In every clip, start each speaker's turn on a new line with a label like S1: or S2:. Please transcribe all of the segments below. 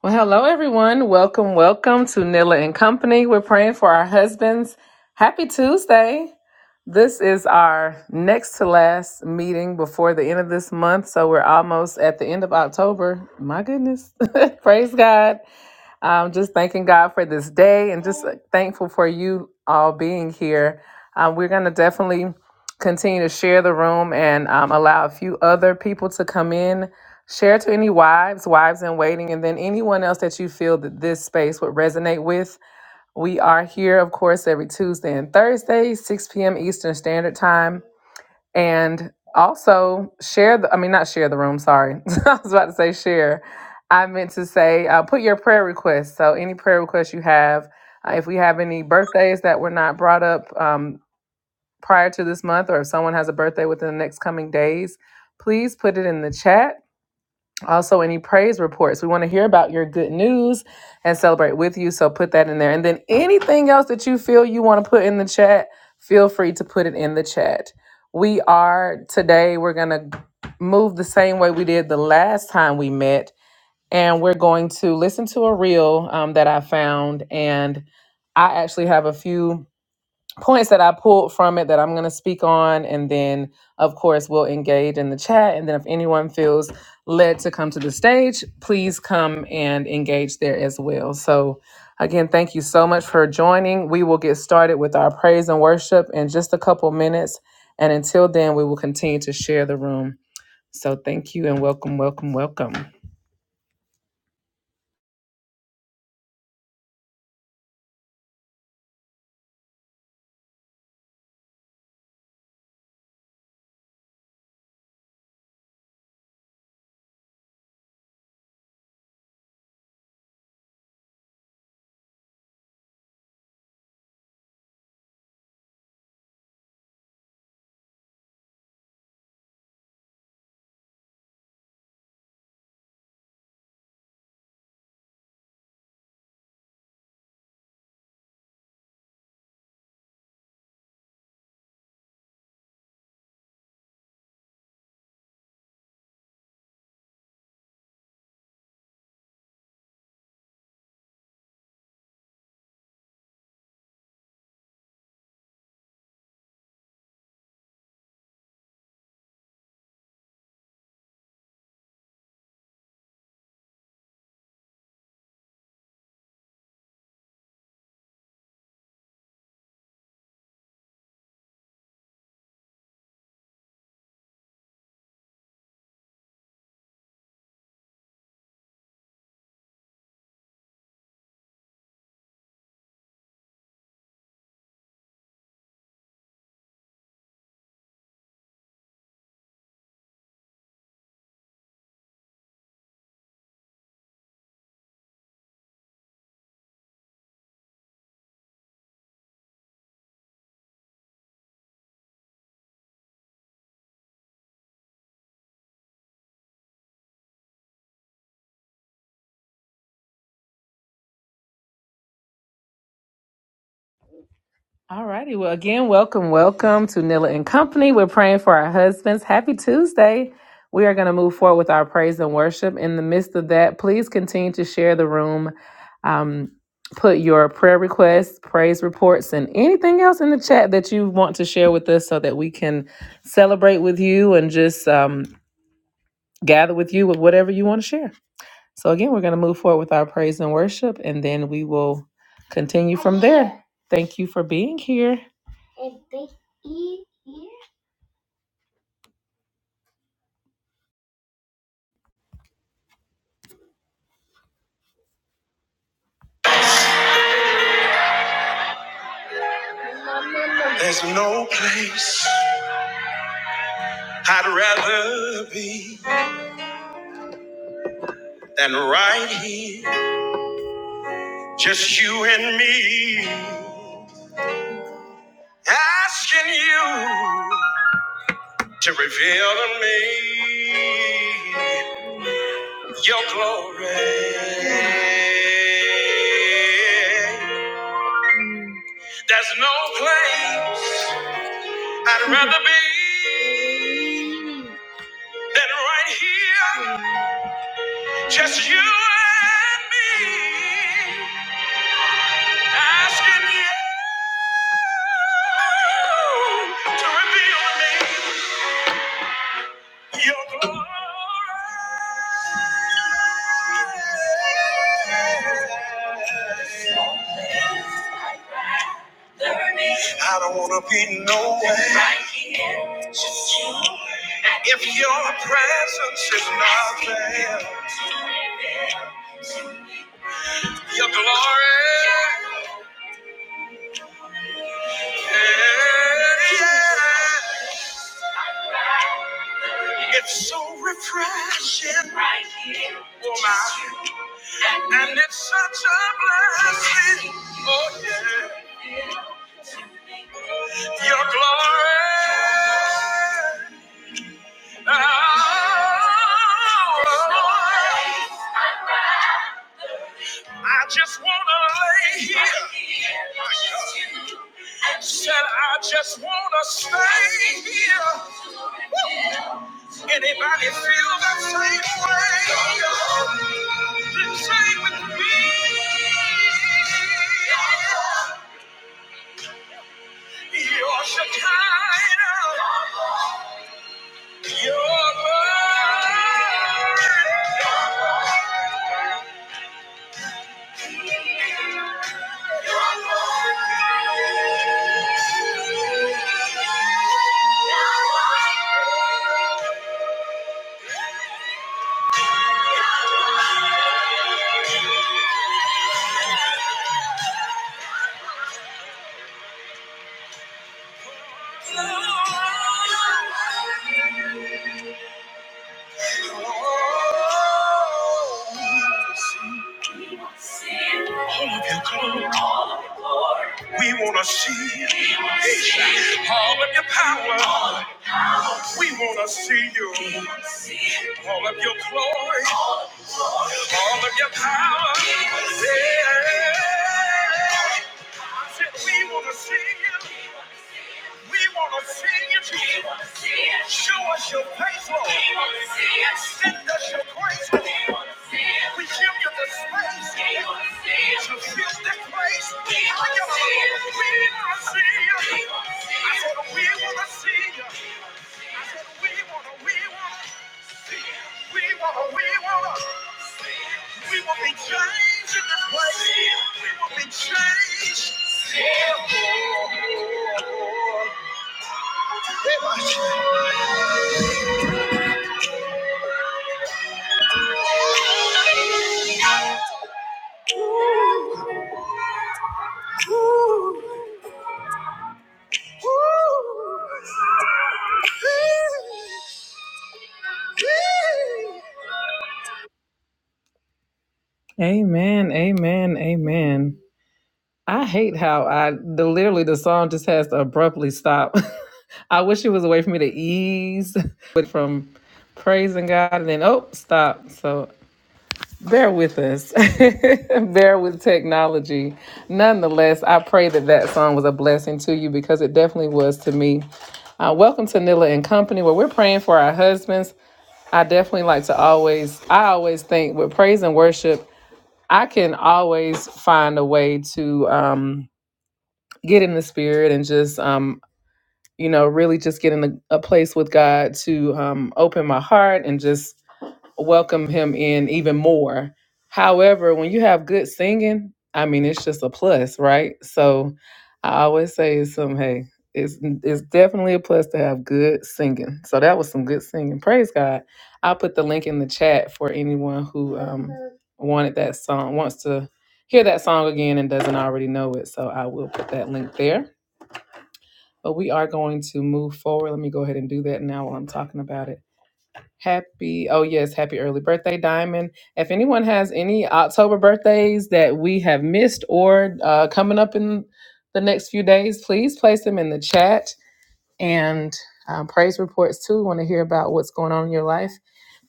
S1: Well, hello everyone. Welcome, welcome to Nilla and Company. We're praying for our husbands. Happy Tuesday. This is our next to last meeting before the end of this month, so we're almost at the end of October. My goodness. Praise God. I'm just thanking God for this day and just thankful for you all being here. Um, we're going to definitely continue to share the room and um, allow a few other people to come in. Share to any wives, wives in waiting, and then anyone else that you feel that this space would resonate with. We are here, of course, every Tuesday and Thursday, 6 p.m. Eastern Standard Time and also share the i mean not share the room sorry i was about to say share i meant to say uh, put your prayer requests so any prayer requests you have uh, if we have any birthdays that were not brought up um, prior to this month or if someone has a birthday within the next coming days please put it in the chat also, any praise reports. We want to hear about your good news and celebrate with you. So put that in there. And then anything else that you feel you want to put in the chat, feel free to put it in the chat. We are today, we're going to move the same way we did the last time we met. And we're going to listen to a reel um, that I found. And I actually have a few points that I pulled from it that I'm going to speak on. And then, of course, we'll engage in the chat. And then, if anyone feels led to come to the stage, please come and engage there as well. So, again, thank you so much for joining. We will get started with our praise and worship in just a couple minutes. And until then, we will continue to share the room. So, thank you and welcome, welcome, welcome. All righty. Well, again, welcome, welcome to Nilla and Company. We're praying for our husbands. Happy Tuesday. We are going to move forward with our praise and worship. In the midst of that, please continue to share the room. Um, put your prayer requests, praise reports, and anything else in the chat that you want to share with us so that we can celebrate with you and just um, gather with you with whatever you want to share. So, again, we're going to move forward with our praise and worship, and then we will continue. Thank you for being here. There's no place I'd rather be than right here, just you and me. Asking you to reveal to me your glory. There's no place I'd rather be than right here, just you and me. Asking you to reveal to me your glory. I don't want to be nowhere if your presence is not there. Your glory. Yeah. It's so refreshing right here, oh my! and it's such a blessing. Oh yeah, your glory. Oh, I just wanna lay here. My God. Said I just wanna stay here. Anybody feel that same way? Then say with me. Your Shekinah, your love. All of your glory. All of your glory. We want to see you. We wanna see you. All of your power. All of your- We want to see you. We wanna see you. All of your glory. All of your- All of your power. We wanna see you. Yeah. We want to see you. We want to see you. Show us your face, Lord. We want to see it. Send us your grace, Lord. We want to see it. We give you the space. We want to see it. To feel the grace. We want to see it. We want to see it. We want to I said, we want to see you. We want to, we want, we want to, we want to. We will be changed in this place. We will be changed. Amen, amen, amen. I hate how I the literally the song just has to abruptly stop. I wish it was a way for me to ease but from praising God and then oh stop. So bear with us, bear with technology. Nonetheless, I pray that that song was a blessing to you because it definitely was to me. Uh, welcome to Nilla and Company, where we're praying for our husbands. I definitely like to always, I always think with praise and worship, I can always find a way to. Um, get in the spirit and just um you know really just get in a, a place with god to um open my heart and just welcome him in even more however when you have good singing i mean it's just a plus right so i always say it's some hey it's it's definitely a plus to have good singing so that was some good singing praise god i'll put the link in the chat for anyone who wanted that song wants to hear that song again and doesn't already know it so i will put that link there but we are going to move forward. Let me go ahead and do that now while I'm talking about it. Happy, oh yes, happy early birthday, Diamond. If anyone has any October birthdays that we have missed or uh, coming up in the next few days, please place them in the chat and um, praise reports too. We want to hear about what's going on in your life.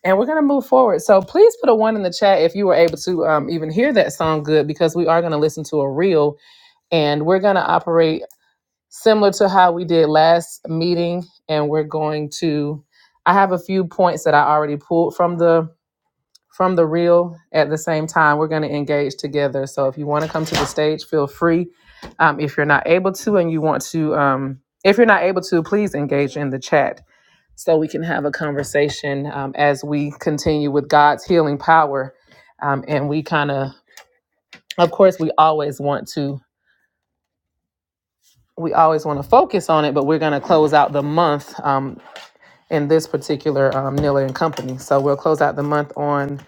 S1: And we're going to move forward. So please put a one in the chat if you were able to um, even hear that song good, because we are going to listen to a reel and we're going to operate similar to how we did last meeting and we're going to i have a few points that i already pulled from the from the reel at the same time we're going to engage together so if you want to come to the stage feel free um, if you're not able to and you want to um, if you're not able to please engage in the chat so we can have a conversation um, as we continue with god's healing power um, and we kind of of course we always want to we always want to focus on it, but we're going to close out the month. Um, in this particular um, Niller and Company. So we'll close out the month on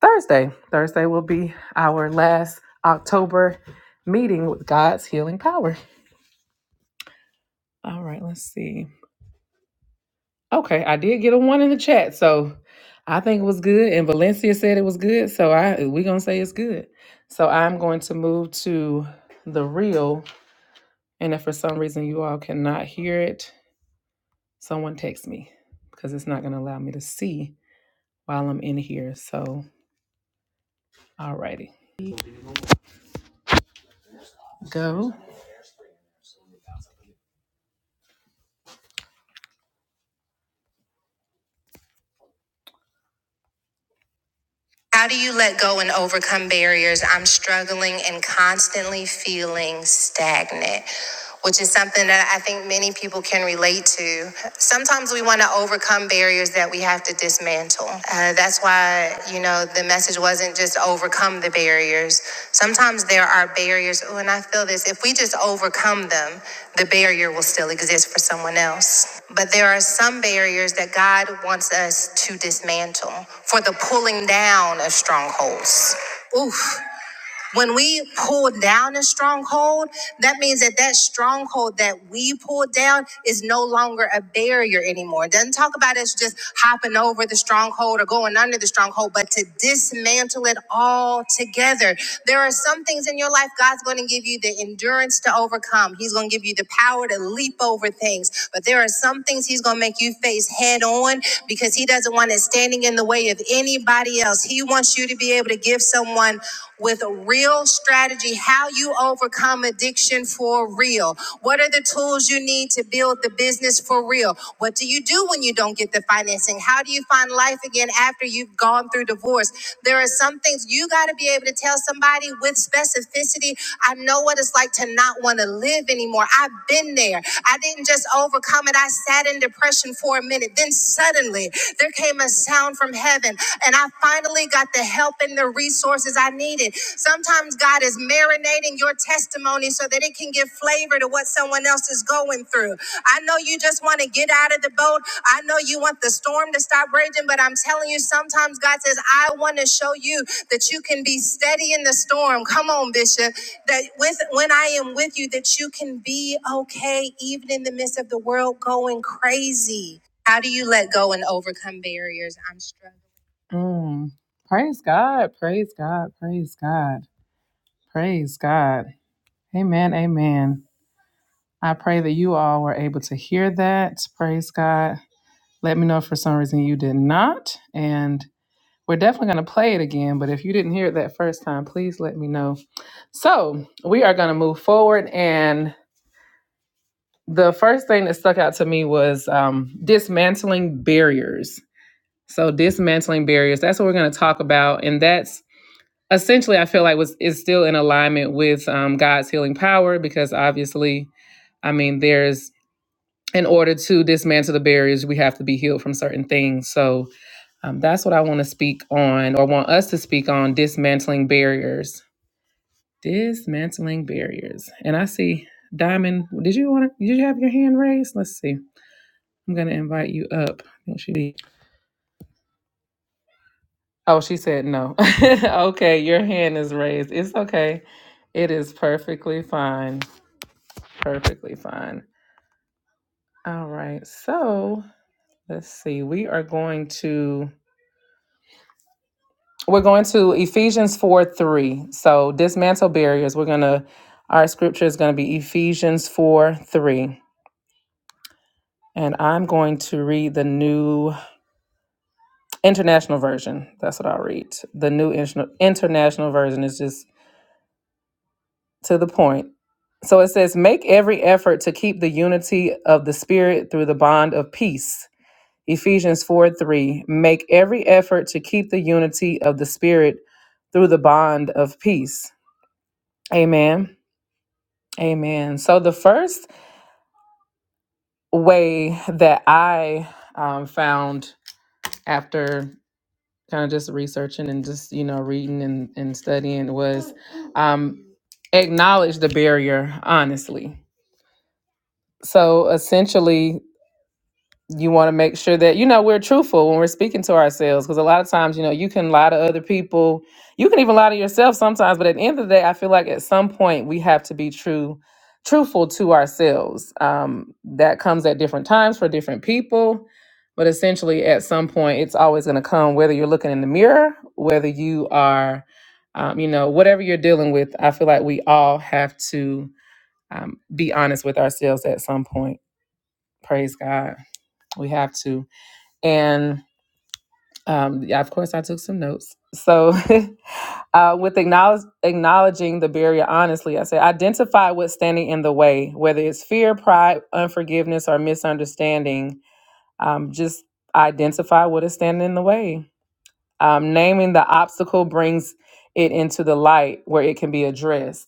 S1: Thursday. Thursday will be our last October meeting with God's healing power. All right, let's see. Okay, I did get a one in the chat, so I think it was good. And Valencia said it was good, so I we're gonna say it's good. So I'm going to move to the real. And if for some reason you all cannot hear it, someone text me because it's not gonna allow me to see while I'm in here. So alrighty. Go. How do you let go and overcome barriers? I'm struggling and constantly feeling stagnant, which is something that I think many people can relate to. Sometimes we want to overcome barriers that we have to dismantle. Uh, that's why, you know, the message wasn't. doesn't just overcome the barriers. Sometimes there are barriers. Oh, and I feel this. If we just overcome them, the barrier will still exist for someone else. But there are some barriers that God wants us to dismantle for the pulling down of strongholds. Oof. When we pull down a stronghold, that means that that stronghold that we pull down is no longer a barrier anymore. It doesn't talk about us just hopping over the stronghold or going under the stronghold, but to dismantle it all together. There are some things in your life God's going to give you the endurance to overcome. He's going to give you the power to leap over things, but there are some things He's going to make you face head on because He doesn't want it standing in the way of anybody else. He wants you to be able to give someone with a real strategy how you overcome addiction for real. What are the tools you need to build the business for real? What do you do when you don't get the financing? How do you find life again after you've gone through divorce? There are some things you got to be able to tell tell somebody with specificity, I know what it's like to not want to live anymore. I've been there. I didn't just overcome it. I sat in depression for a minute. Then suddenly there came a sound from heaven, and I finally got the help and the resources I needed. Sometimes God is marinating your testimony so that it can give flavor to what someone else is going through. I know you just want to get out of the boat. I know you want the storm to stop raging, but I'm telling you, sometimes God says, I want to show you that you can be steady in the storm. Come on, Bishop. That with when I am with you, that you can be okay, even in the midst of the world going crazy. How do you let go and overcome barriers? I'm struggling. Mm. Praise God. Praise God. Praise God. Praise God. Amen. Amen. I pray that you all were able to hear that. Praise God. Let me know if for some reason you did not. And we're definitely going to play it again. But if you didn't hear it that first time, please let me know. So we are going to move forward. And the first thing that stuck out to me was um, dismantling barriers. So dismantling barriers, that's what we're going to talk about. And that's essentially, I feel like was is still in alignment with um, God's healing power, because obviously, I mean, there's in order to dismantle the barriers, we have to be healed from certain things. So um, that's what I want to speak on, or want us to speak on dismantling barriers. Dismantling barriers. And I see Diamond. Did you want to? Did you have your hand raised? Let's see. I'm gonna invite you up. I think she did. Oh, she said no. okay, your hand is raised. It's okay. It is perfectly fine. Perfectly fine. All right. So let's see. We are going to We're going to Ephesians 4 3. So dismantle barriers. We're going to, our scripture is going to be Ephesians 4 3. And I'm going to read the new international version. That's what I'll read. The new inter- international version is just to the point. So it says, Make every effort to keep the unity of the Spirit through the bond of peace. Ephesians 4 3. Make every effort to keep the unity of the Spirit through the bond of peace. Amen. Amen. So the first way that I um, found after kind of just researching and just you know reading and, and studying was um, acknowledge the barrier honestly. So essentially, you want to make sure that you know we're truthful when we're speaking to ourselves because a lot of times you know you can lie to other people you can even lie to yourself sometimes but at the end of the day i feel like at some point we have to be true truthful to ourselves um, that comes at different times for different people but essentially at some point it's always going to come whether you're looking in the mirror whether you are um, you know whatever you're dealing with i feel like we all have to um, be honest with ourselves at some point praise god we have to and um, yeah, of course, I took some notes. So, uh, with acknowledge, acknowledging the barrier honestly, I said, identify what's standing in the way, whether it's fear, pride, unforgiveness, or misunderstanding. Um, just identify what is standing in the way. Um, naming the obstacle brings it into the light where it can be addressed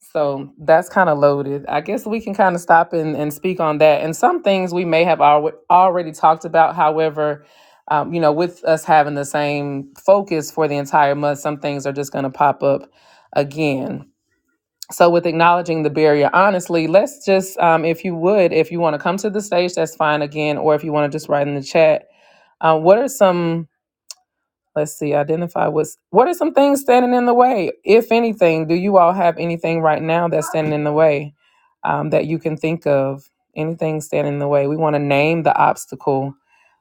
S1: so that's kind of loaded. I guess we can kind of stop and, and speak on that. And some things we may have al- already talked about. However, um, you know, with us having the same focus for the entire month, some things are just going to pop up again. So, with acknowledging the barrier, honestly, let's just, um, if you would, if you want to come to the stage, that's fine again. Or if you want to just write in the chat, uh, what are some Let's see, identify what's what are some things standing in the way? If anything, do you all have anything right now that's standing in the way um, that you can think of? Anything standing in the way? We want to name the obstacle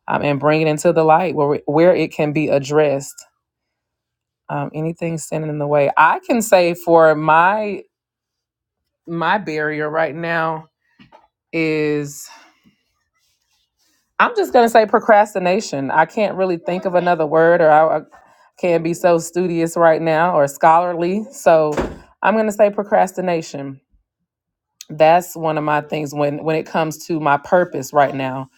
S1: um, and bring it into the light where, we- where it can be addressed. Um, anything standing in the way. I can say for my my barrier right now, is. I'm just gonna say procrastination. I can't really think of another word, or I, I can't be so studious right now or scholarly. So I'm gonna say procrastination. That's one of my things when when it comes to my purpose right now.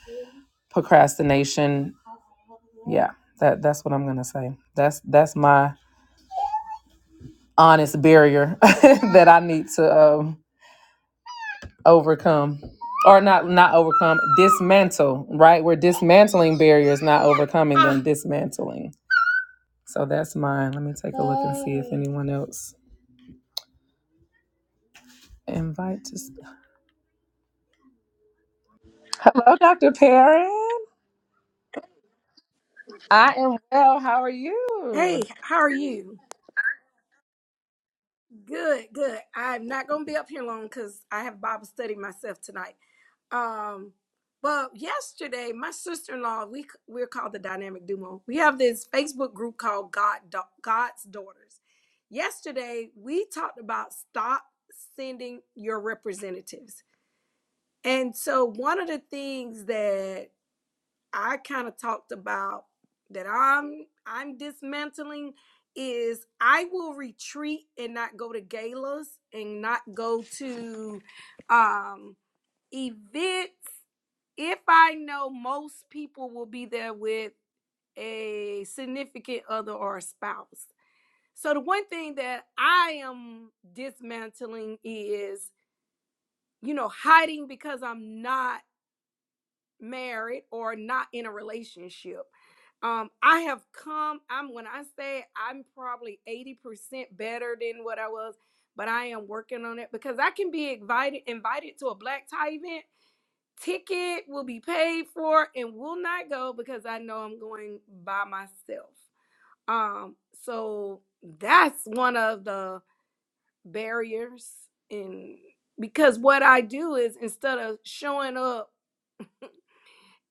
S1: Procrastination. Yeah, that that's what I'm gonna say. That's that's my honest barrier that I need to um, overcome, or not not overcome, dismantle. Right, we're dismantling barriers, not overcoming them. Dismantling. So that's mine. Let me take a look and see if anyone else invite to. sp- Hello, Dr. Perrin. I am well. How are
S2: Hey,
S1: you?
S2: how are you? Good, good. I'm not going to be up here long because I have Bible study myself tonight. Um, but yesterday, my sister-in-law, we c- we're called the Dynamic Duo. We have this Facebook group called God Da- God's Daughters. Yesterday, we talked about stop sending your representatives, and so one of the things that I kind of talked about that I'm I'm dismantling is I will retreat and not go to galas and not go to um events if I know most people will be there with a significant other or a spouse. So the one thing that I am dismantling is you know hiding because I'm not married or not in a relationship. Um, I have come, I'm when I say I'm probably 80% better than what I was, but I am working on it because I can be invited invited to a black tie event. Ticket will be paid for and will not go because I know I'm going by myself. Um, so that's one of the barriers in because what I do is instead of showing up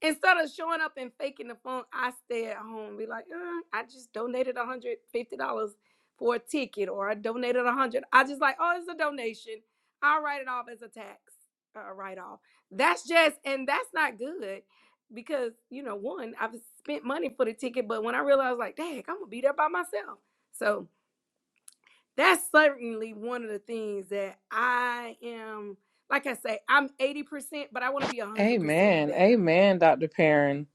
S2: Instead of showing up and faking the phone, I stay at home and be like, uh, I just donated $150 for a ticket or I donated 100 I just like, oh, it's a donation. I'll write it off as a tax uh, write off. That's just, and that's not good because, you know, one, I've spent money for the ticket, but when I realized, like, dang, I'm going to be there by myself. So that's certainly one of the things that I am, like I say, I'm 80%, but I want to be 100%
S1: Amen.
S2: better
S1: Amen, Dr. Perrin.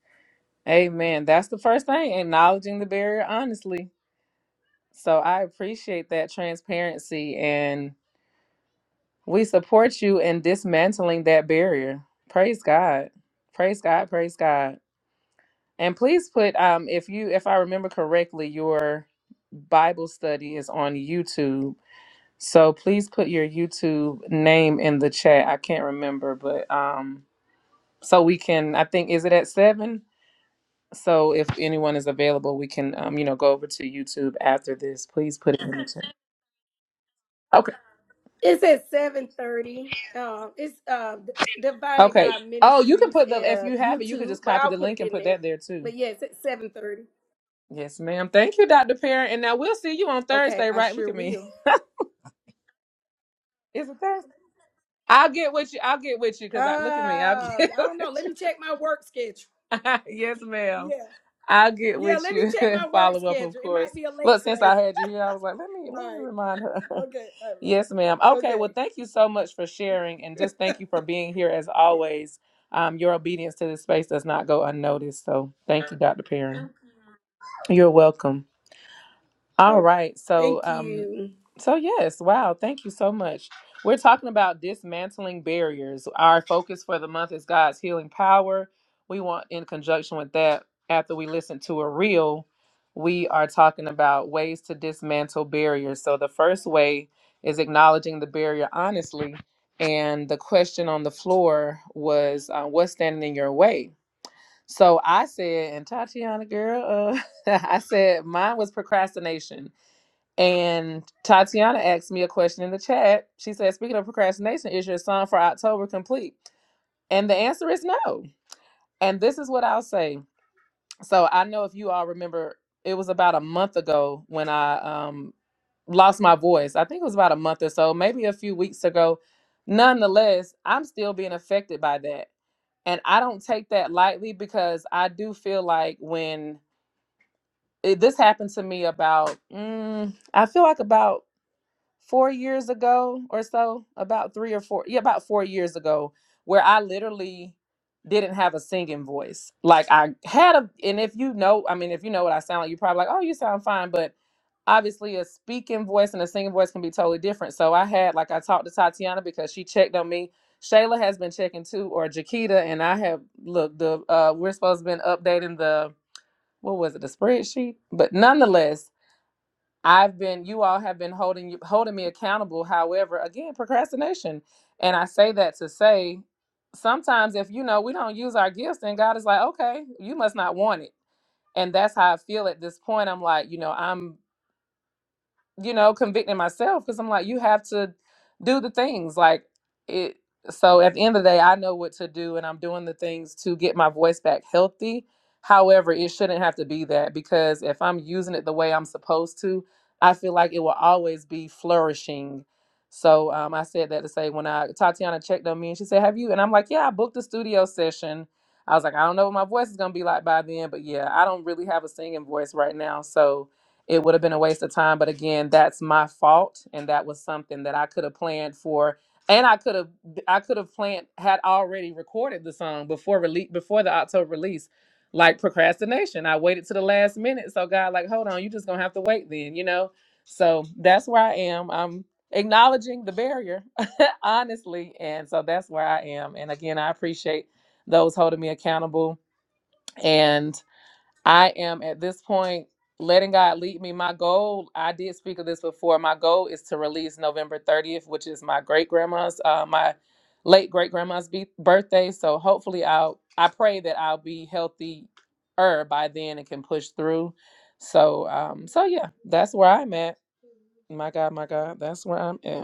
S1: Amen. That's the first thing, acknowledging the barrier honestly. So I appreciate that transparency and we support you in dismantling that barrier. Praise God. Praise God. Praise God. And please put um if you if I remember correctly, your Bible study is on YouTube So please put your YouTube name in the chat. I can't remember, but um, so we can. I think is it at seven? So if anyone is available, we can um, you know, go over to YouTube after this. Please put it in the chat. Okay.
S2: It's at seven thirty. Um, it's uh, D- Divine and
S1: Okay.
S2: God
S1: Oh, you can
S2: Ministries
S1: put the if
S2: uh,
S1: you have it, you can
S2: YouTube,
S1: just
S2: but
S1: copy
S2: I'll
S1: the
S2: put
S1: link
S2: it
S1: and
S2: in
S1: put
S2: there.
S1: that there too.
S2: But yeah, it's at seven thirty.
S1: Yes, ma'am. Thank you, Dr. Parent. And now we'll see you on
S2: Okay,
S1: Thursday,
S2: I
S1: right? Look
S2: sure
S1: at me.
S2: will.
S1: Is it Thursday? I'll get with you. I'll get with you
S2: Uh,
S1: because I look at me. I'll
S2: I
S1: get
S2: don't know.
S1: with
S2: Let me check my work schedule.
S1: you. yes, ma'am.
S2: Yeah,
S1: I'll get
S2: yeah.
S1: with
S2: Let me
S1: you
S2: check
S1: and
S2: my work
S1: follow up, of
S2: schedule. It might
S1: course.
S2: be a late
S1: Look, since
S2: stay.
S1: I had you here, I was like, let me let
S2: All
S1: me
S2: right.
S1: remind her.
S2: Okay. All
S1: yes, ma'am.
S2: right.
S1: Okay, well,
S2: Okay.
S1: thank you so much for sharing, and just thank you for being here as
S2: yeah.
S1: always. Um, your obedience to this space does not go unnoticed. So, thank you, Dr. Perrin. You're welcome. All
S2: Okay.
S1: right. So,
S2: Thank
S1: um,
S2: you.
S1: so yes, wow, thank you so much. We're talking about dismantling barriers. Our focus for the month is God's healing power. We want, in conjunction with that, after we listen to a reel, we are talking about ways to dismantle barriers. So, the first way is acknowledging the barrier honestly. And the question on the floor was, uh, what's standing in your way? So I said, and Tatiana, girl, uh, I said mine was procrastination and Tatiana asked me a question in the chat. She said, Speaking of procrastination, is your song for October complete? And the answer is no. And this is what I'll say. So I know if you all remember, it was about a month ago when I um, lost my voice. I think it was about a month or so, maybe a few weeks ago. Nonetheless, I'm still being affected by that. And I don't take that lightly because I do feel like when it, this happened to me about, mm, I feel like about four years ago or so, about three or four, yeah, about four years ago, where I literally didn't have a singing voice. Like I had a, and if you know, I mean, if you know what I sound like, you're probably like, oh, you sound fine. But obviously, a speaking voice and a singing voice can be totally different. So I had, like, I talked to Tatiana because she checked on me. Shayla has been checking too, or Jaquita, and I have look the uh we're supposed to been updating the what was it the spreadsheet, but nonetheless, I've been, you all have been holding holding me accountable. However, again, procrastination, and I say that to say, sometimes if you know we don't use our gifts, then God is like, okay, you must not want it, and that's how I feel at this point. I'm like, you know, I'm you know, convicting myself because I'm like, you have to do the things like it. So at the end of the day, I know what to do and I'm doing the things to get my voice back healthy. However, it shouldn't have to be that because if I'm using it the way I'm supposed to, I feel like it will always be flourishing. So um, I said that to say when I Tatiana checked on me and she said, "Have you?" And I'm like, "Yeah, I booked a studio session." I was like, "I don't know what my voice is gonna be like by then, but yeah, I don't really have a singing voice right now, so." it would have been a waste of time. But again, that's my fault, and that was something that I could have planned for, and I could have I could have planned had already recorded the song before release before the October release. Like procrastination, I waited to the last minute. So God, like, hold on, you just gonna have to wait then, you know. So that's where I am. I'm acknowledging the barrier, honestly, and so that's where I am. And again, I appreciate those holding me accountable. and. I am at this point letting God lead me. My goal, I did speak of this before. My goal is to release November 30th, which is my great grandma's, uh, my late great grandma's be- birthday. So hopefully, I'll, I pray that I'll be healthier by then and can push through. So, um, so yeah, that's where I'm at. My God, my God, that's where I'm at.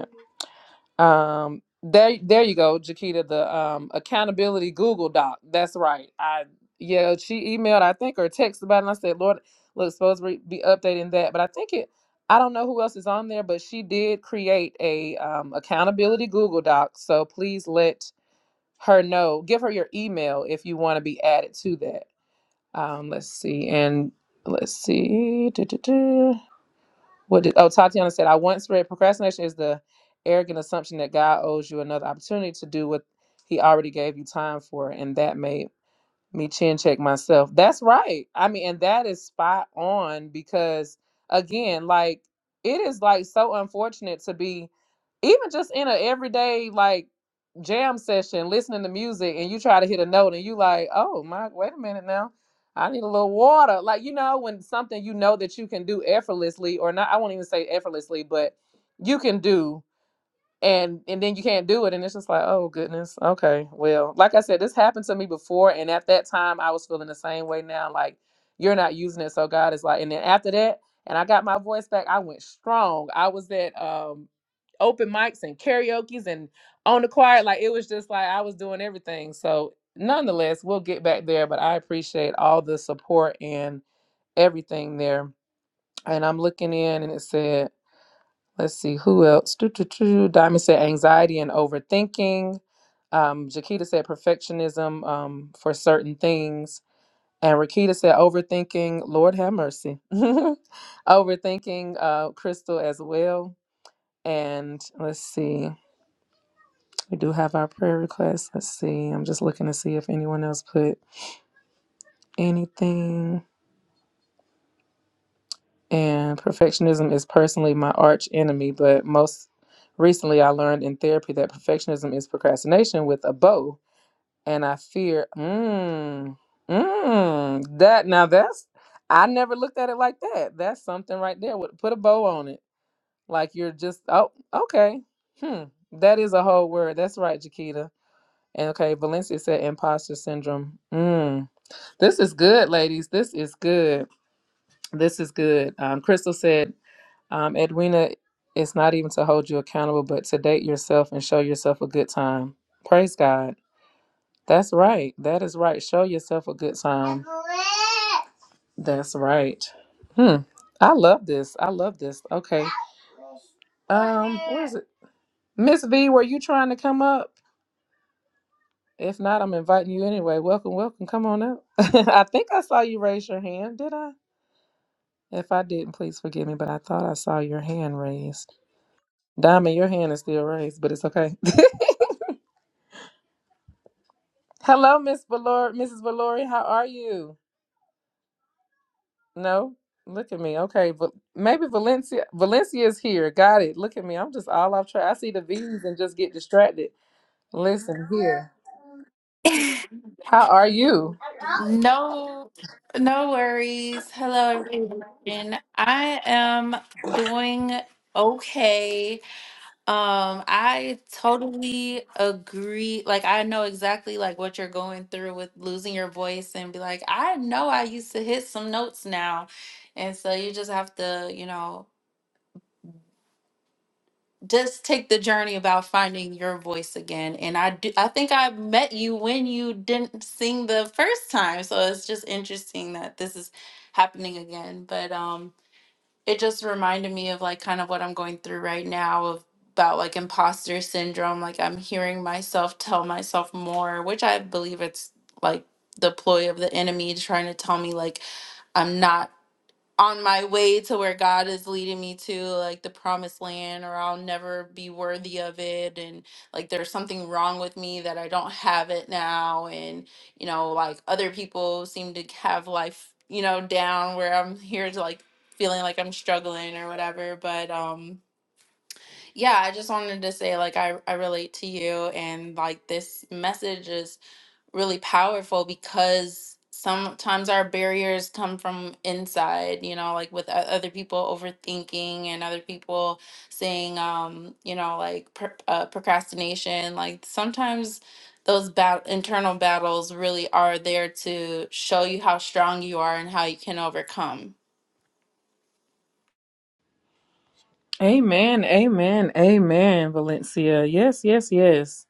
S1: Um, there, there you go, Jakita. The um, accountability Google Doc. That's right. I yeah, she emailed, I think, or texted about it. And I said, Lord, look, supposed to be updating that, but I think it. I don't know who else is on there, but she did create a um, accountability Google Doc. So please let her know. Give her your email if you want to be added to that. Um, let's see, and let's see. What did, oh, Tatiana said, I once read procrastination is the arrogant assumption that God owes you another opportunity to do what he already gave you time for. And that made me chin check myself. That's right. I mean, and that is spot on because, again, like, it is like so unfortunate to be even just in a everyday like jam session listening to music and you try to hit a note and you like oh my wait a minute now i need a little water like you know when something you know that you can do effortlessly or not i won't even say effortlessly but you can do and and then you can't do it and it's just like oh goodness okay well like i said this happened to me before and at that time i was feeling the same way now like you're not using it so god is like and then after that and i got my voice back i went strong i was at um open mics and karaoke's and on the choir like it was just like i was doing everything so nonetheless we'll get back there but i appreciate all the support and everything there and i'm looking in and it said Let's see who else. Doo, doo, doo. Diamond said anxiety and overthinking. Um, Jakita said perfectionism um, for certain things. And Rakita said overthinking. Lord have mercy. overthinking uh, Crystal as well. And let's see. We do have our prayer requests. Let's see. I'm just looking to see if anyone else put anything. And perfectionism is personally my arch enemy, but most recently I learned in therapy that perfectionism is procrastination with a bow. And I fear, mm, mm, that now that's, I never looked at it like that. That's something right there. Would Put a bow on it. Like you're just, oh, okay. Hmm. That is a whole word. That's right, Jaquita. And okay, Valencia said imposter syndrome. Mmm. This is good, ladies. This is good. This is good. Um, Crystal said, um, Edwina, it's not even to hold you accountable, but to date yourself and show yourself a good time. Praise God. That's right. That is right. Show yourself a good time. That's right. Hmm. I love this. I love this. Okay. Um, Miss V, were you trying to come up? If not, I'm inviting you anyway. Welcome, welcome. Come on up. I think I saw you raise your hand. Did I? If I didn't, please forgive me, but I thought I saw your hand raised. Diamond, your hand is still raised, but it's okay. Hello, Miss Valor, Mrs. Valori. How are you? No, look at me. Okay, but maybe Valencia, Valencia is here. Got it. Look at me. I'm just all off track. I see the V's and just get distracted. Listen here. How are you?
S3: No, no worries. Hello, everyone. I am doing okay. Um, I totally agree. Like, I know exactly like what you're going through with losing your voice and be like, I know I used to hit some notes now. And so you just have to, you know. just take the journey about finding your voice again and i do i think i met you when you didn't sing the first time so it's just interesting that this is happening again but um it just reminded me of like kind of what i'm going through right now of about like imposter syndrome like i'm hearing myself tell myself more which i believe it's like the ploy of the enemy trying to tell me like I'm not on my way to where God is leading me to, like the promised land, or I'll never be worthy of it. And like there's something wrong with me that I don't have it now. And, you know, like other people seem to have life, you know, down where I'm here to like feeling like I'm struggling or whatever. But, um, yeah, I just wanted to say like I, I relate to you and like this message is really powerful because sometimes our barriers come from inside, you know, like with o- other people overthinking and other people saying, um, you know, like pr- uh, procrastination. Like sometimes those bat- internal battles really are there to show you how strong you are and how you can overcome
S1: Amen. Amen. Amen. Valencia. Yes. Yes. Yes.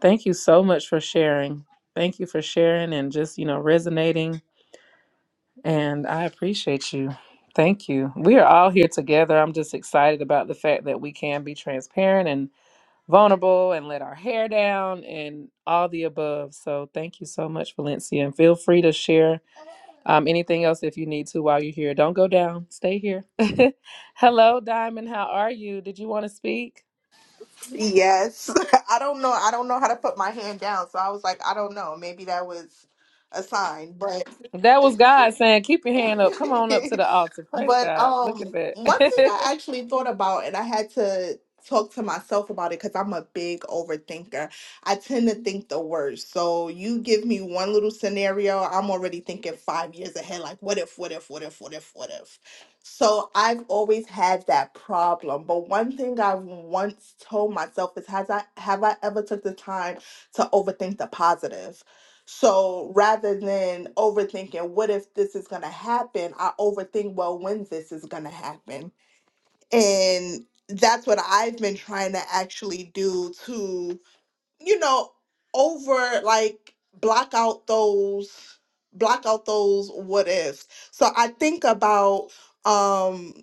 S1: Thank you so much for sharing. Thank you for sharing and just you know resonating. And I appreciate you. Thank you. We are all here together. I'm just excited about the fact that we can be transparent and vulnerable and let our hair down and all the above. So thank you so much, Valencia. And feel free to share um, anything else if you need to while you're here. Don't go down, stay here. Hello, Diamond. How are you? Did you want to speak?
S4: Yes. I don't know. I don't know how to put my hand down. So I was like, I don't know. Maybe that was a sign, but
S1: That was God saying, Keep your hand up. Come on up to the altar. Praise
S4: but
S1: God. Look at
S4: um
S1: that.
S4: one thing I actually thought about and I had to talk to myself about it because I'm a big overthinker. I tend to think the worst. So you give me one little scenario, I'm already thinking five years ahead, like what if, what if, what if, what if, what if. So I've always had that problem. But one thing I've once told myself is has I have I ever took the time to overthink the positive? So rather than overthinking, what if this is going to happen? I overthink, well, when this is going to happen. And that's what I've been trying to actually do to, you know, over like block out those block out those what ifs. So I think about um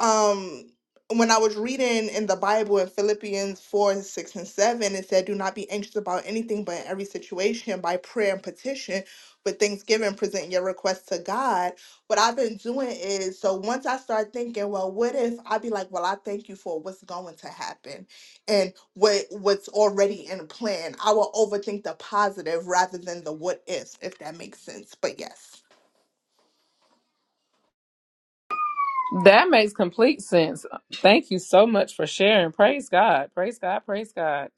S4: um when I was reading in the Bible in Philippians 4, 6, and 7, it said, Do not be anxious about anything, but in every situation, by prayer and petition, with thanksgiving, present your request to God. What I've been doing is, so once I start thinking, well, what if i be like, well, I thank you for what's going to happen and what what's already in plan. I will overthink the positive rather than the what ifs, if that makes sense. But yes.
S1: that makes complete sense. Thank you so much for sharing. Praise God. Praise God. Praise God.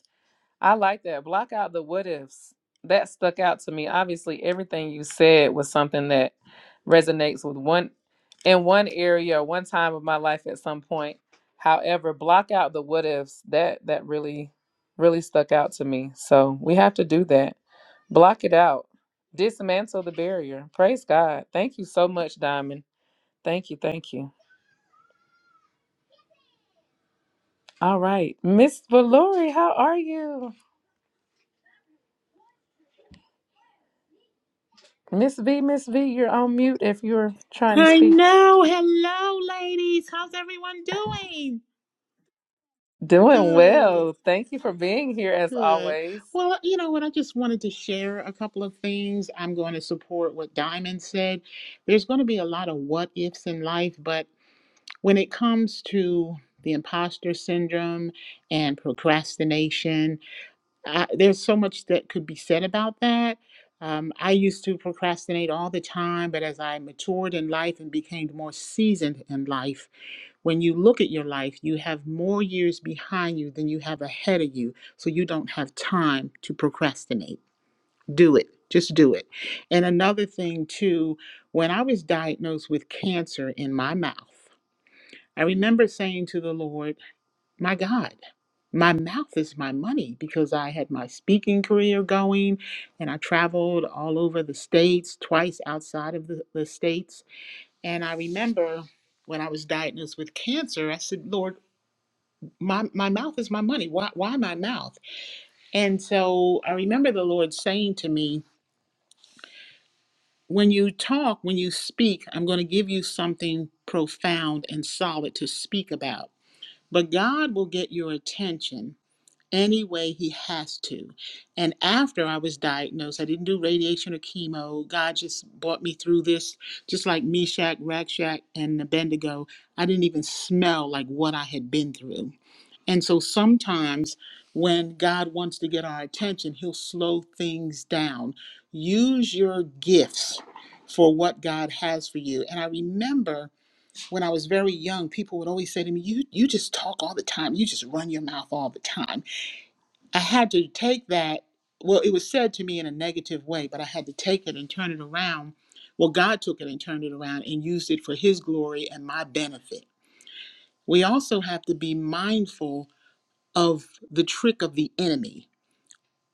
S1: I like that. Block out the what ifs. That stuck out to me. Obviously, everything you said was something that resonates with one in one area or one time of my life at some point. However, block out the what ifs. That that really really stuck out to me. So, we have to do that. Block it out. Dismantle the barrier. Praise God. Thank you so much, Diamond. Thank you. Thank you. All right. Miss Valori, how are you? Miss V, Miss V, you're on mute if you're trying to
S5: I
S1: speak.
S5: know. Hello, ladies. How's everyone doing?
S1: Doing
S5: Good,
S1: well. Thank you for being here as
S5: good.
S1: always.
S5: Well, you know what? I just wanted to share a couple of things. I'm going to support what Diamond said. There's going to be a lot of what ifs in life, but when it comes to the imposter syndrome and procrastination, uh, there's so much that could be said about that. Um, I used to procrastinate all the time, but as I matured in life and became more seasoned in life, When you look at your life, you have more years behind you than you have ahead of you. So you don't have time to procrastinate. Do it. Just do it. And another thing, too, when I was diagnosed with cancer in my mouth, I remember saying to the Lord, My God, my mouth is my money because I had my speaking career going and I traveled all over the states, twice outside of the, the states. And I remember when I was diagnosed with cancer, I said, Lord, my my mouth is my money why why my mouth and so i remember the lord saying to me when you talk when you speak i'm going to give you something profound and solid to speak about but god will get your attention any way he has to and after i was diagnosed i didn't do radiation or chemo god just brought me through this just like meshach rakshak and abednego i didn't even smell like what i had been through And so sometimes when God wants to get our attention, he'll slow things down. Use your gifts for what God has for you. And I remember when I was very young, people would always say to me, "You you just talk all the time. You just run your mouth all the time." I had to take that well, it was said to me in a negative way, but I had to take it and turn it around. Well, God took it and turned it around and used it for his glory and my benefit. We also have to be mindful of the trick of the enemy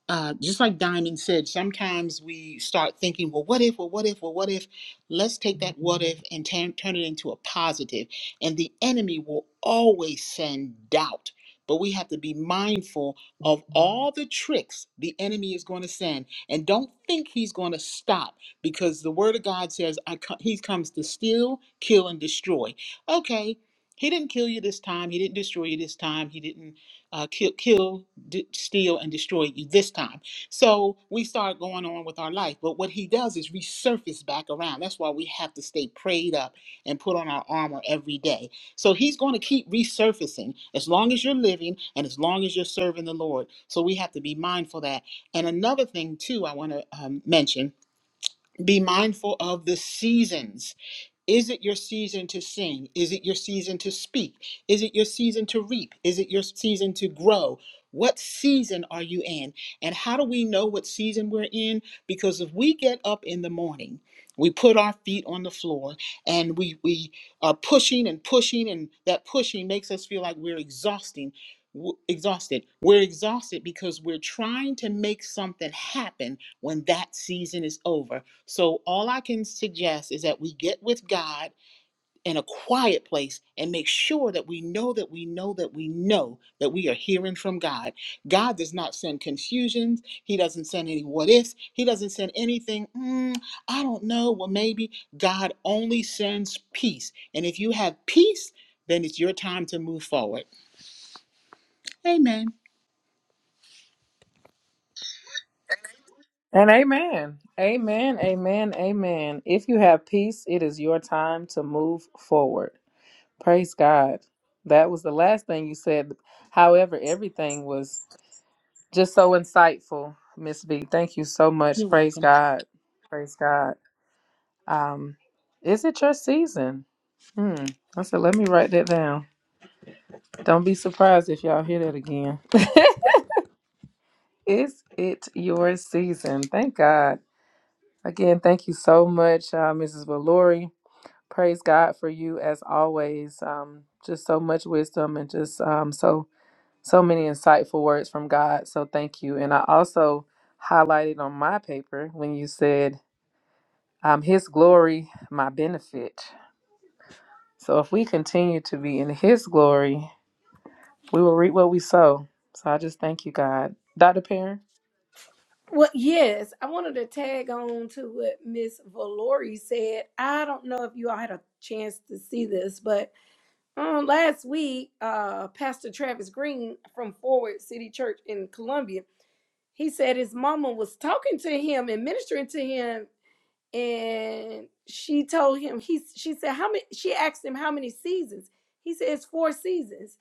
S5: uh, just like Diamond said, sometimes we start thinking, well, what if, well, what if, well, what if? Let's take that what if and turn turn it into a positive. And the enemy will always send doubt. But we have to be mindful of all the tricks the enemy is going to send. And don't think he's going to stop because the word of God says I co- he comes to steal, kill, and destroy. Okay, he didn't kill you this time. He didn't destroy you this time. He didn't uh, kill, kill d- steal and destroy you this time. So we start going on with our life. But what he does is resurface back around. That's why we have to stay prayed up and put on our armor every day. So he's going to keep resurfacing as long as you're living and as long as you're serving the Lord. So we have to be mindful of that. And another thing, too, I want to um, mention be mindful of the seasons is it your season to sing? Is it your season to speak? Is it your season to reap? Is it your season to grow? What season are you in? And how do we know what season we're in? Because if we get up in the morning, we put our feet on the floor and we, we are pushing and pushing, and that pushing makes us feel like we're exhausting. w- Exhausted. We're exhausted because we're trying to make something happen when that season is over so, all I can suggest is that we get with God in a quiet place and make sure that we know that we know that we know that we are hearing from God. God does not send confusions. He doesn't send any what ifs. He doesn't send anything, "Mm, I don't know, well, maybe. God only sends peace. And if you have peace, then it's your time to move forward. Amen.
S1: And amen. Amen. Amen. Amen. If you have peace, it is your time to move forward. Praise God. That was the last thing you said. However, everything was just so insightful, Miss V. Thank you so much.
S5: You're
S1: Praise
S5: welcome.
S1: God. Praise God. Um, is it your season? Hmm. I said, let me write that down. Don't be surprised if y'all hear that again. Is it your season? Thank God. Again, thank you so much, uh, Mrs. Valori. Praise God for you as always. Um, just so much wisdom and just um, so so many insightful words from God. So thank you. And I also highlighted on my paper when you said, um, "His glory, my benefit." So if we continue to be in His glory, we will reap what we sow. So I just thank you, God, Dr. Perrin.
S2: Well, yes, I wanted to tag on to what Miss Valori said. I don't know if you all had a chance to see this, but um, last week, uh, Pastor Travis Green from Forward City Church in Columbia, he said his mama was talking to him and ministering to him, and she told him he. She said how many. She asked him how many seasons. He said it's four seasons.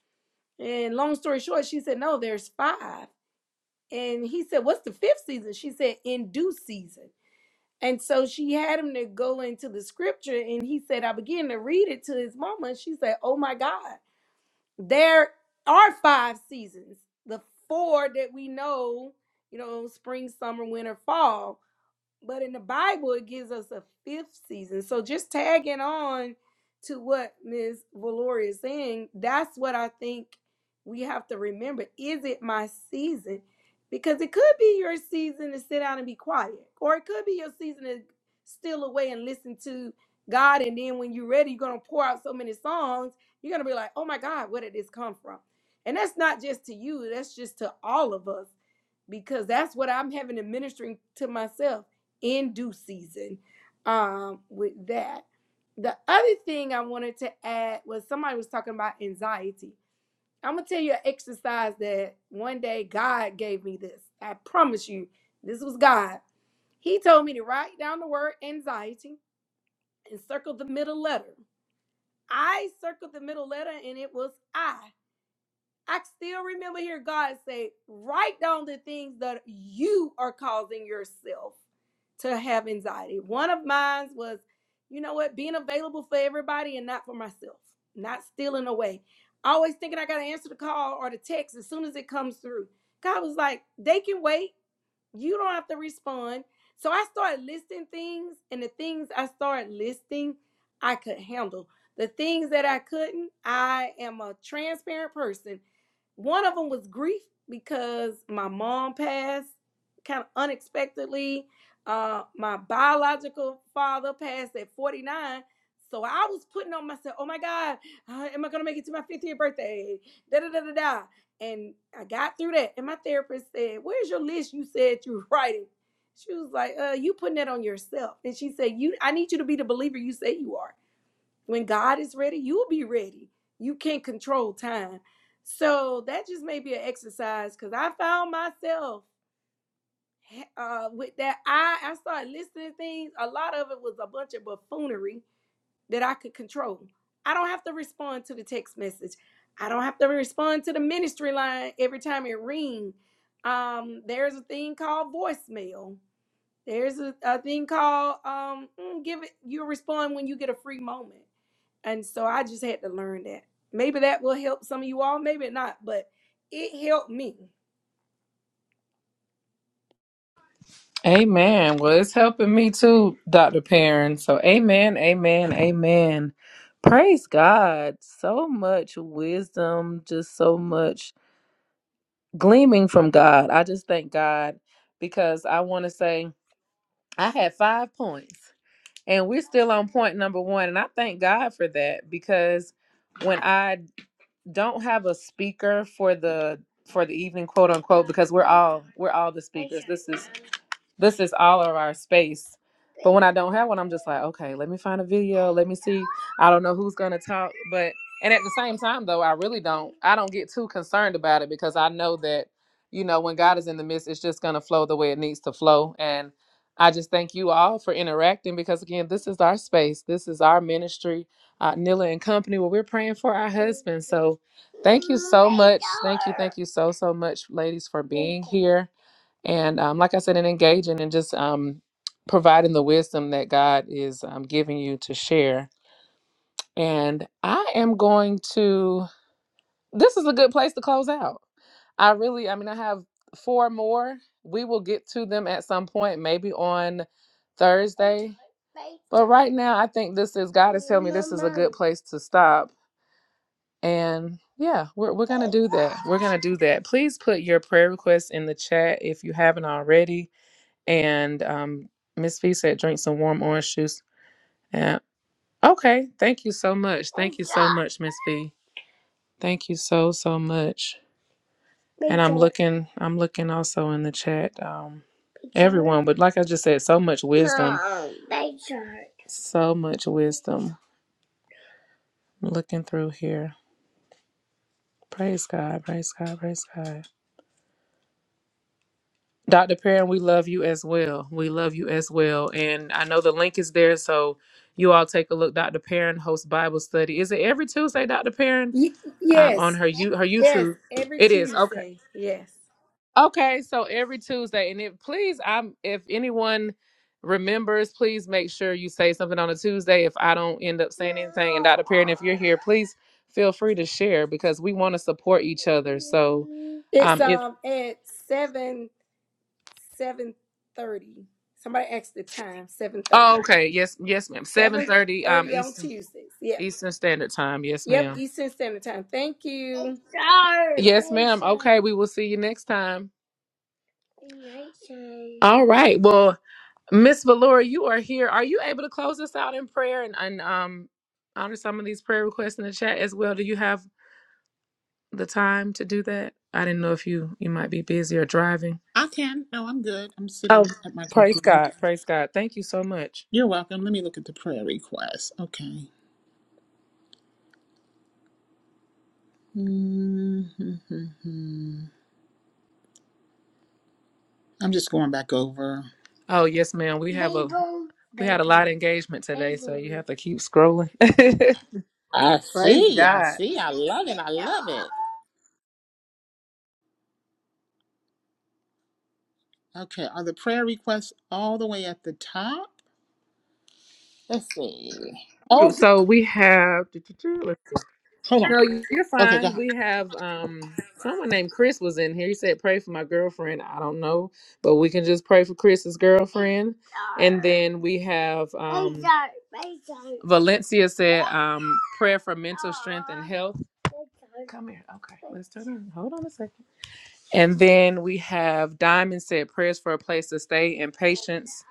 S2: And long story short, she said no, there's five. And he said, "What's the fifth season?" She said, "In due season." And so she had him to go into the scripture, and he said, I began to read it to his mama. And she said, Oh my God, there are five seasons. The four that we know, you know, spring, summer, winter, fall. But in the Bible, it gives us a fifth season. So just tagging on to what Ms. Valoria is saying, that's what I think we have to remember. Is it my season? Because it could be your season to sit down and be quiet, or it could be your season to steal away and listen to God. And then when you're ready, you're going to pour out so many songs, you're going to be like, oh my God, where did this come from? And that's not just to you, that's just to all of us because that's what I'm having to ministering to myself in due season um, with that. The other thing I wanted to add was somebody was talking about anxiety. I'm gonna tell you an exercise that one day God gave me this. I promise you, this was God. He told me to write down the word anxiety and circle the middle letter. I circled the middle letter and it was I. I still remember hear God say, write down the things that you are causing yourself to have anxiety. One of mine was, you know what, being available for everybody and not for myself, not stealing away. Always thinking I got to answer the call or the text as soon as it comes through. God was like, they can wait. You don't have to respond. So I started listing things, and the things I started listing, I could handle. The things that I couldn't, I am a transparent person. One of them was grief because my mom passed kind of unexpectedly. Uh, my biological father passed at 49. So I was putting on myself, oh my God, uh, am I going to make it to my 50th birthday? Da da da da da. And I got through that. And my therapist said, Where's your list you said you were writing? She was like, uh, you putting that on yourself. And she said, You I need you to be the believer you say you are. When God is ready, you'll be ready. You can't control time. So that just may be an exercise because I found myself eh, uh, with that. I, I started listening to things. A lot of it was a bunch of buffoonery that I could control. I don't have to respond to the text message. I don't have to respond to the ministry line every time it rings. Um, there's a thing called voicemail. There's a, a thing called um, mm, give it. You respond when you get a free moment. And so I just had to learn that. Maybe that will help some of you all. Maybe not, but it helped me.
S1: Amen. Well, it's helping me too, Dr. Perrin. So, amen, amen, amen. Praise God. So much wisdom, just so much gleaming from God. I just thank God because I want to say I had five points and we're still on point number one. And I thank God for that because when I don't have a speaker for the for the evening quote unquote because we're all we're all the speakers this is this is all of our space. But when I don't have one, I'm just like, okay, let me find a video. Let me see. I don't know who's gonna talk, but and at the same time though, I really don't. I don't get too concerned about it because I know that you know when God is in the midst, it's just gonna flow the way it needs to flow. And I just thank you all for interacting because again, this is our space. This is our ministry, uh, Nilla and Company, where we're praying for our husbands. So thank you, thank you so so much, ladies, for being here and um, like I said, and engaging and just um, providing the wisdom that God is um, giving you to share. And I am going to. This is a good place to close out. I really, I mean, I have four more. We will get to them at some point, maybe on Thursday. But right now, I think this is God telling me this is a good place to stop. And yeah, we're, we're going to do that. We're going to do that. Please put your prayer requests in the chat if you haven't already And um, Miss V said, drink some warm orange juice. And okay, thank you so much. Thank you so much, Miss V. Thank you so so much. Looking, I'm looking also in the chat. Um, everyone, but like I just said, so much wisdom, so much wisdom. I'm looking through here. Praise God, praise God, praise God. Dr. Perrin, we love you as well. We love you as well. And I know the link is there, so you all take a look. Dr. Perrin hosts Bible study. Is it every Tuesday, Dr. Perrin?
S2: Y-
S1: um,
S2: yes,
S1: on her you her
S2: Yes,
S1: YouTube.
S2: every
S1: It is okay.
S2: Tuesday. Yes.
S1: Okay, so every Tuesday, and if please, I'm if anyone remembers, please make sure you say something on a Tuesday. If I don't end up saying anything, and Dr. Perrin, if you're here, please feel free to share because we want to support each other. So,
S2: It's
S1: um, if
S2: um at seven seven thirty. Somebody asked the time, seven
S1: oh,
S2: thirty.
S1: okay, yes, yes, ma'am. Seven
S2: Seven
S1: thirty, um,
S2: thirty on
S1: Eastern
S2: Tuesdays. Yep.
S1: Eastern Standard Time. Yes,
S2: Yep,
S1: ma'am.
S2: Eastern Standard Time. Thank you.
S1: Okay, we will see you next time. All right. Well. Miss Valora, you are here. Are you able to close us out in prayer and, and um honor some of these prayer requests in the chat as well? Do you have the time to do that? I didn't know if you you might be busy or driving.
S5: I can. No, I'm good. I'm sitting
S1: Oh,
S5: at my
S1: praise
S5: computer.
S1: God, praise God. Thank you so much.
S5: You're welcome. Let me look at the prayer request. Okay. Mm-hmm. I'm just going back over.
S1: Oh yes, ma'am. We got engagement today. have to keep scrolling.
S5: I
S1: praise
S5: see. I
S1: God.
S5: see. I love it. I love it. Okay. Are the prayer requests all the way at the top? Let's see. Oh,
S1: So we have.
S5: hold on.
S1: No, you're
S5: Okay, go
S1: fine.
S5: ahead.
S1: We have um someone named Chris was in here. He said, "Pray for my girlfriend." I don't know, but we can just pray for Chris's girlfriend. And we have um, Valencia said um, prayer for mental health. Come here, Okay. Hold on a second. And then we have Diamond said prayers for a place to stay and patience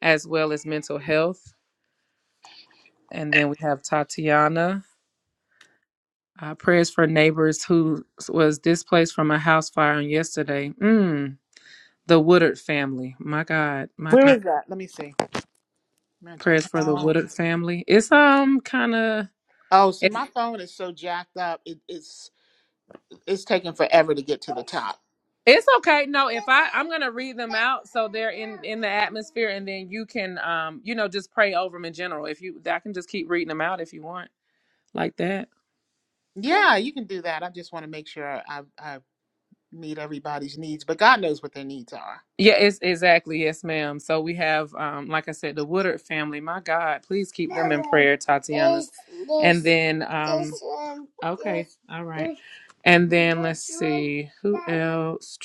S1: as well as mental health. And then we have Tatiana. Uh, prayers for neighbors who was displaced from a house fire on yesterday. Mm, the Woodard family. My God, my
S5: Where
S1: God.
S5: is that? Let me see. Mental
S1: Prayers for the
S5: health.
S1: Woodard family. It's um kind of
S5: Oh, see,
S1: it's
S5: my phone is so jacked up. It, it's it's taking forever to get to the top.
S1: it's okay. No, if I'm gonna read them. Spirit, and then you can, um, you know, just pray over them in general. If you, I can just keep reading them out if you want, like that.
S5: Yeah, you can do that. I just want to make sure I I meet everybody's needs, but God knows what their needs are.
S1: Yeah, it's exactly yes, ma'am. So we have, um, like I said, the Woodard family. My God, please keep there, Tati. Then, uh, okay, all right, and then who else?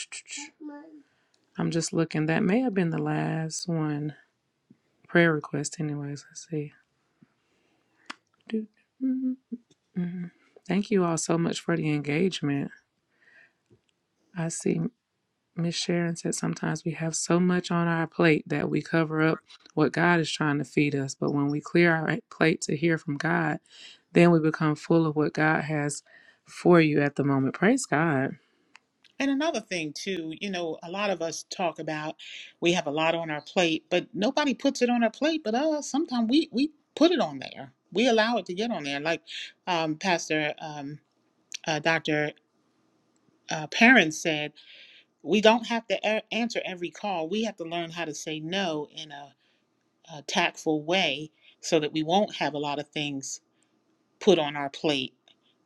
S1: I'm just looking. That may have been the last one prayer request, anyways. Let's see. Do- mm, mm. Thank you all so much for the engagement. I see. Miss Sharon said sometimes we have so much on our plate that we cover up what God is trying to feed us. But when we clear our plate to hear from God, then we become full of what God has for you at the moment. Praise God.
S5: And another thing, too, you know, a lot of us talk about we have a lot on our plate, but nobody puts it on our plate but us. Sometimes we, we put it on there, we allow it to get on there. Like um, Pastor um, uh, Dr. Uh, Perrin said, we don't have to a- answer every call. We have to learn how to say no in a, a tactful way so that we won't have a lot of things put on our plate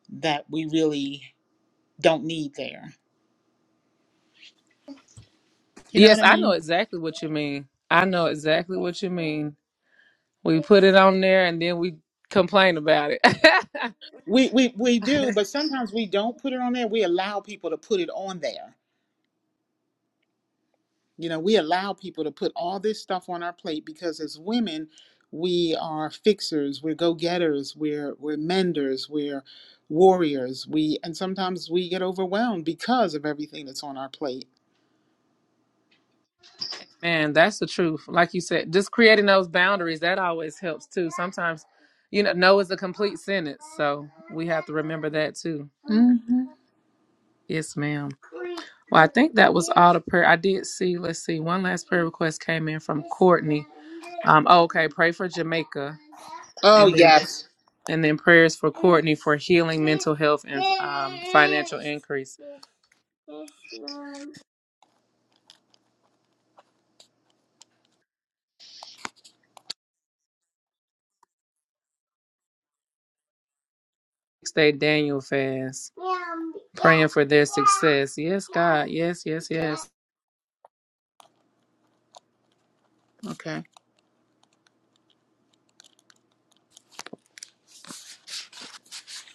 S5: that we really don't need there. You know what
S1: Yes,
S5: I
S1: I know
S5: mean?
S1: exactly what you mean. I know exactly what you mean. We put it on there and then we complain about it.
S5: We, we we do, but sometimes we don't put it on there. We allow people to put it on there. You know, we allow people to put all this stuff on our plate because as women, we are fixers, we're go-getters, we're we're menders, we're warriors. We and sometimes we get overwhelmed because of everything that's on our plate.
S1: Man, that's the truth. Like you said, just creating those boundaries, that always helps too. Sometimes, you know, no is a complaint for that too.
S5: hmm
S1: Yes, ma'am. prayer. I did see, let's see, one last prayer request came in from oh, okay, pray for Jamaica
S5: Oh yes.
S1: and then prayers for healing, for health and increase. Six day Daniel fast for this. Yes, yes, yes, yes. Yes,
S5: Okay.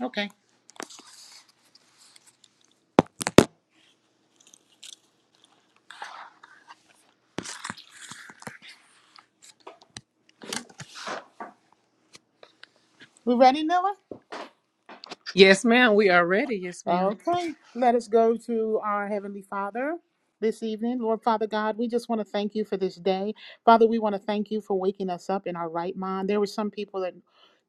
S5: Okay. We ready, Noah?
S1: Yes, ma'am. We are ready. Yes, ma'am.
S5: Okay, let us go to our Heavenly Father this evening. Lord Father God, we just want to thank you for this day. Father, we want to thank you for waking us up in our right mind. There were some people that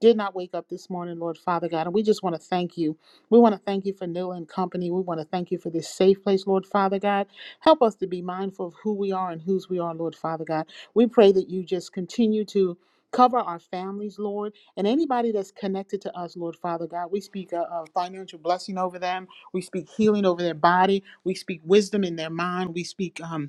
S5: did not wake up this morning, Lord Father God, and we just want to thank you. We want to thank you for Neil and company. We want to thank you for this safe place, Lord Father God. Help us to be mindful of who we are and whose we are, Lord Father God. We pray that you just continue to cover our families, Lord. And anybody that's connected to us, Lord Father God, we speak a, a financial blessing over them. We speak healing over their body. We speak wisdom in their mind. We speak um,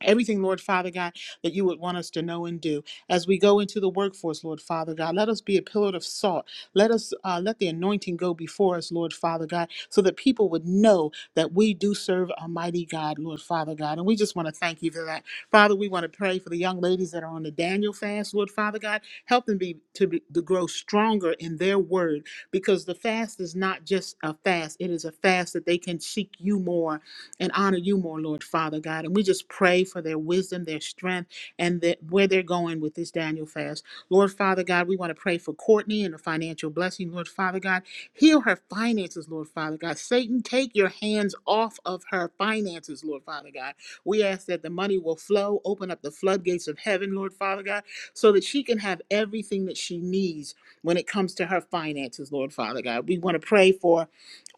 S5: Everything, Lord Father God, that you would want us to know and do as we go into the workforce, Lord Father God. Let us be a pillar of salt. Let us uh, let the anointing go before us, Lord Father God, so that people would know that we do serve a mighty God, Lord Father God. And we just want to thank you for that, Father. We want to pray for the young ladies that are on the Daniel fast, Lord Father God. Help them be to be to grow stronger in their word, because the fast is not just a fast; it is a fast that they can seek you more and honor you more, Lord Father God. And we just pray for their wisdom, their strength, and that where they're going with this Daniel fast. Lord Father God, we want to pray for Courtney and a financial blessing, Lord Father God. Heal her finances, Lord Father God. Satan, take your hands off of her finances, Lord Father God. We ask that the money will flow, open up the floodgates of heaven, Lord Father God, so that she can have everything that she needs when it comes to her finances, Lord Father God. We want to pray for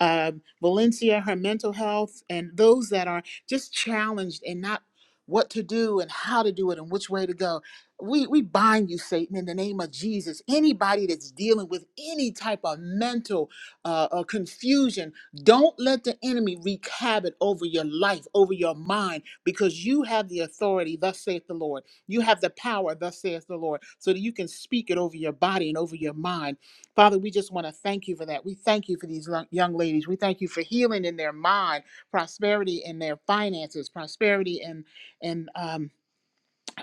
S5: uh, Valencia, her mental health, and those that are just challenged and not what to do and how to do it and which way to go. We, we bind you, Satan, in the name of Jesus. Anybody that's dealing with any type of mental uh, uh, confusion, don't let the enemy wreak havoc over your life, over your mind, because you have the authority, thus saith the Lord. You have the power, thus saith the Lord, so that you can speak it over your body and over your mind Father, we just want to thank you for that. We thank you for these lo- young ladies. We thank you for healing in their mind, prosperity in their finances, prosperity in in um,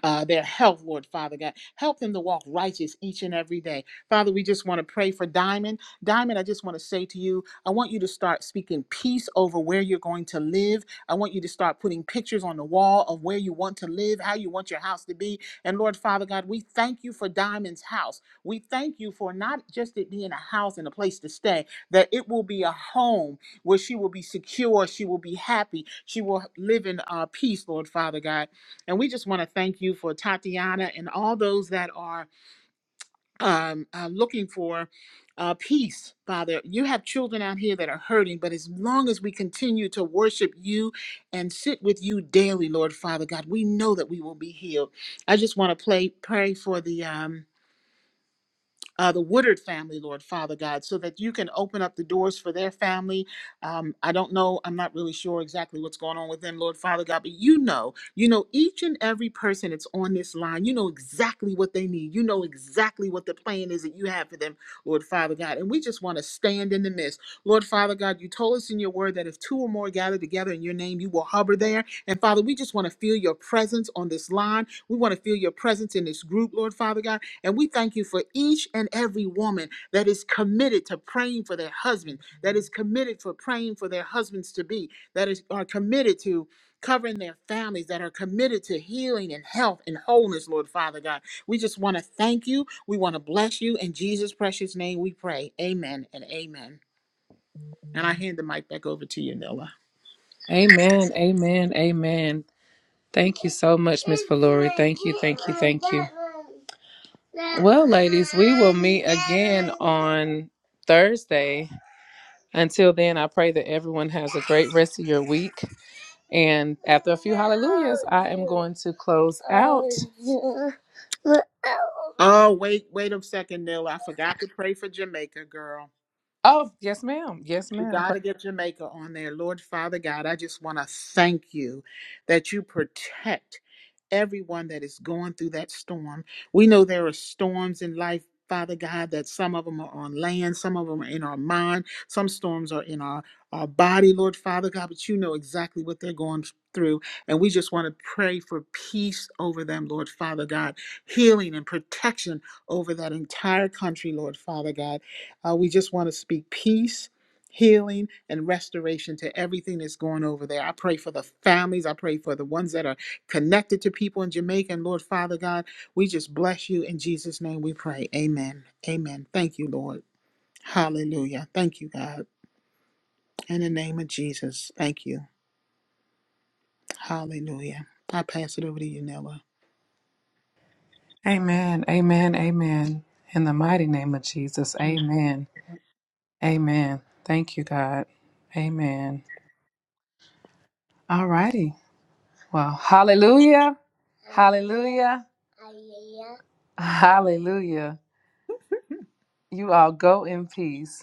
S5: uh, their health, Lord Father God. Help them to walk righteous each and every day. Father, we just want to pray for Diamond. Diamond, I just want to say to you, I want you to start speaking peace over where you're going to live. I want you to start putting pictures on the wall of where you want to live, how you want your house to be. And Lord Father God, we thank you for Diamond's house. We thank you for not just it being a house and a place to stay, that it will be a home where she will be secure, she will be happy, she will live in uh, peace, Lord Father God. And we just want to thank you for Tatiana and all those that are um, uh, looking for uh, peace, Father. You have children out here that are hurting, but as long as we continue to worship you and sit with you daily, Lord Father God, we know that we will be healed. I just want to play pray for the. Um, uh, the Woodard family, Lord Father God, so that you can open up the doors for their family. Um, I don't know, I'm not really sure exactly what's going on with them, Lord Father God, but you know, you know each and every person that's on this line, you know exactly what they need. You know exactly what the plan is that you have for them, Lord Father God. And we just want to stand in the midst. Lord Father God, you told us in your word that if two or more gather together in your name, you will hover there. And Father, we just want to feel your presence on this line. We want to feel your presence in this group, Lord Father God. And we thank you for each and every woman that is committed to praying for their husband, that is committed for praying for their husbands to be, that is are committed to covering their families, that are committed to healing and health and wholeness, Lord Father God. We just want to thank you. We want to bless you. In Jesus' precious name we pray. Amen and amen. And I hand the mic back over to you, Nilla.
S1: Amen. Amen. Amen. Thank you so much on Thursday. Until then, I pray that everyone has a great rest of your week and want to close.
S5: Oh, wait, wait a second, Nilla. I forgot to pray for Jamaica, girl.
S1: Oh, yes, ma'am. Yes,
S5: We
S1: ma'am.
S5: got to get Jamaica on there. Lord Father God, I just want to thank you that you protect everyone that is going through that storm. We know there are storms in life. Father God, that some of them are on land, some of them are in our mind, some storms are in our, our body, Lord Father God, but you know exactly what they're going through. And we just want to pray for peace over them, Lord Father God, healing and protection over that entire country, Lord Father God. Uh, we just want to speak peace, healing, and restoration to everything that's going over there. I pray for the families. I pray for the ones that are connected to people in Jamaica. And Lord Father God, we just bless you. In Jesus' name we pray. Amen. Amen. Thank you, Lord. Hallelujah. Thank you, God. In the name of Jesus. Thank you. Hallelujah. I pass it over to you, Nella.
S1: Amen. Amen. Amen. In the mighty name of Jesus. Amen. Amen. Thank you, God. Amen. All righty. Well, hallelujah. Hallelujah. Hallelujah. You all go in peace.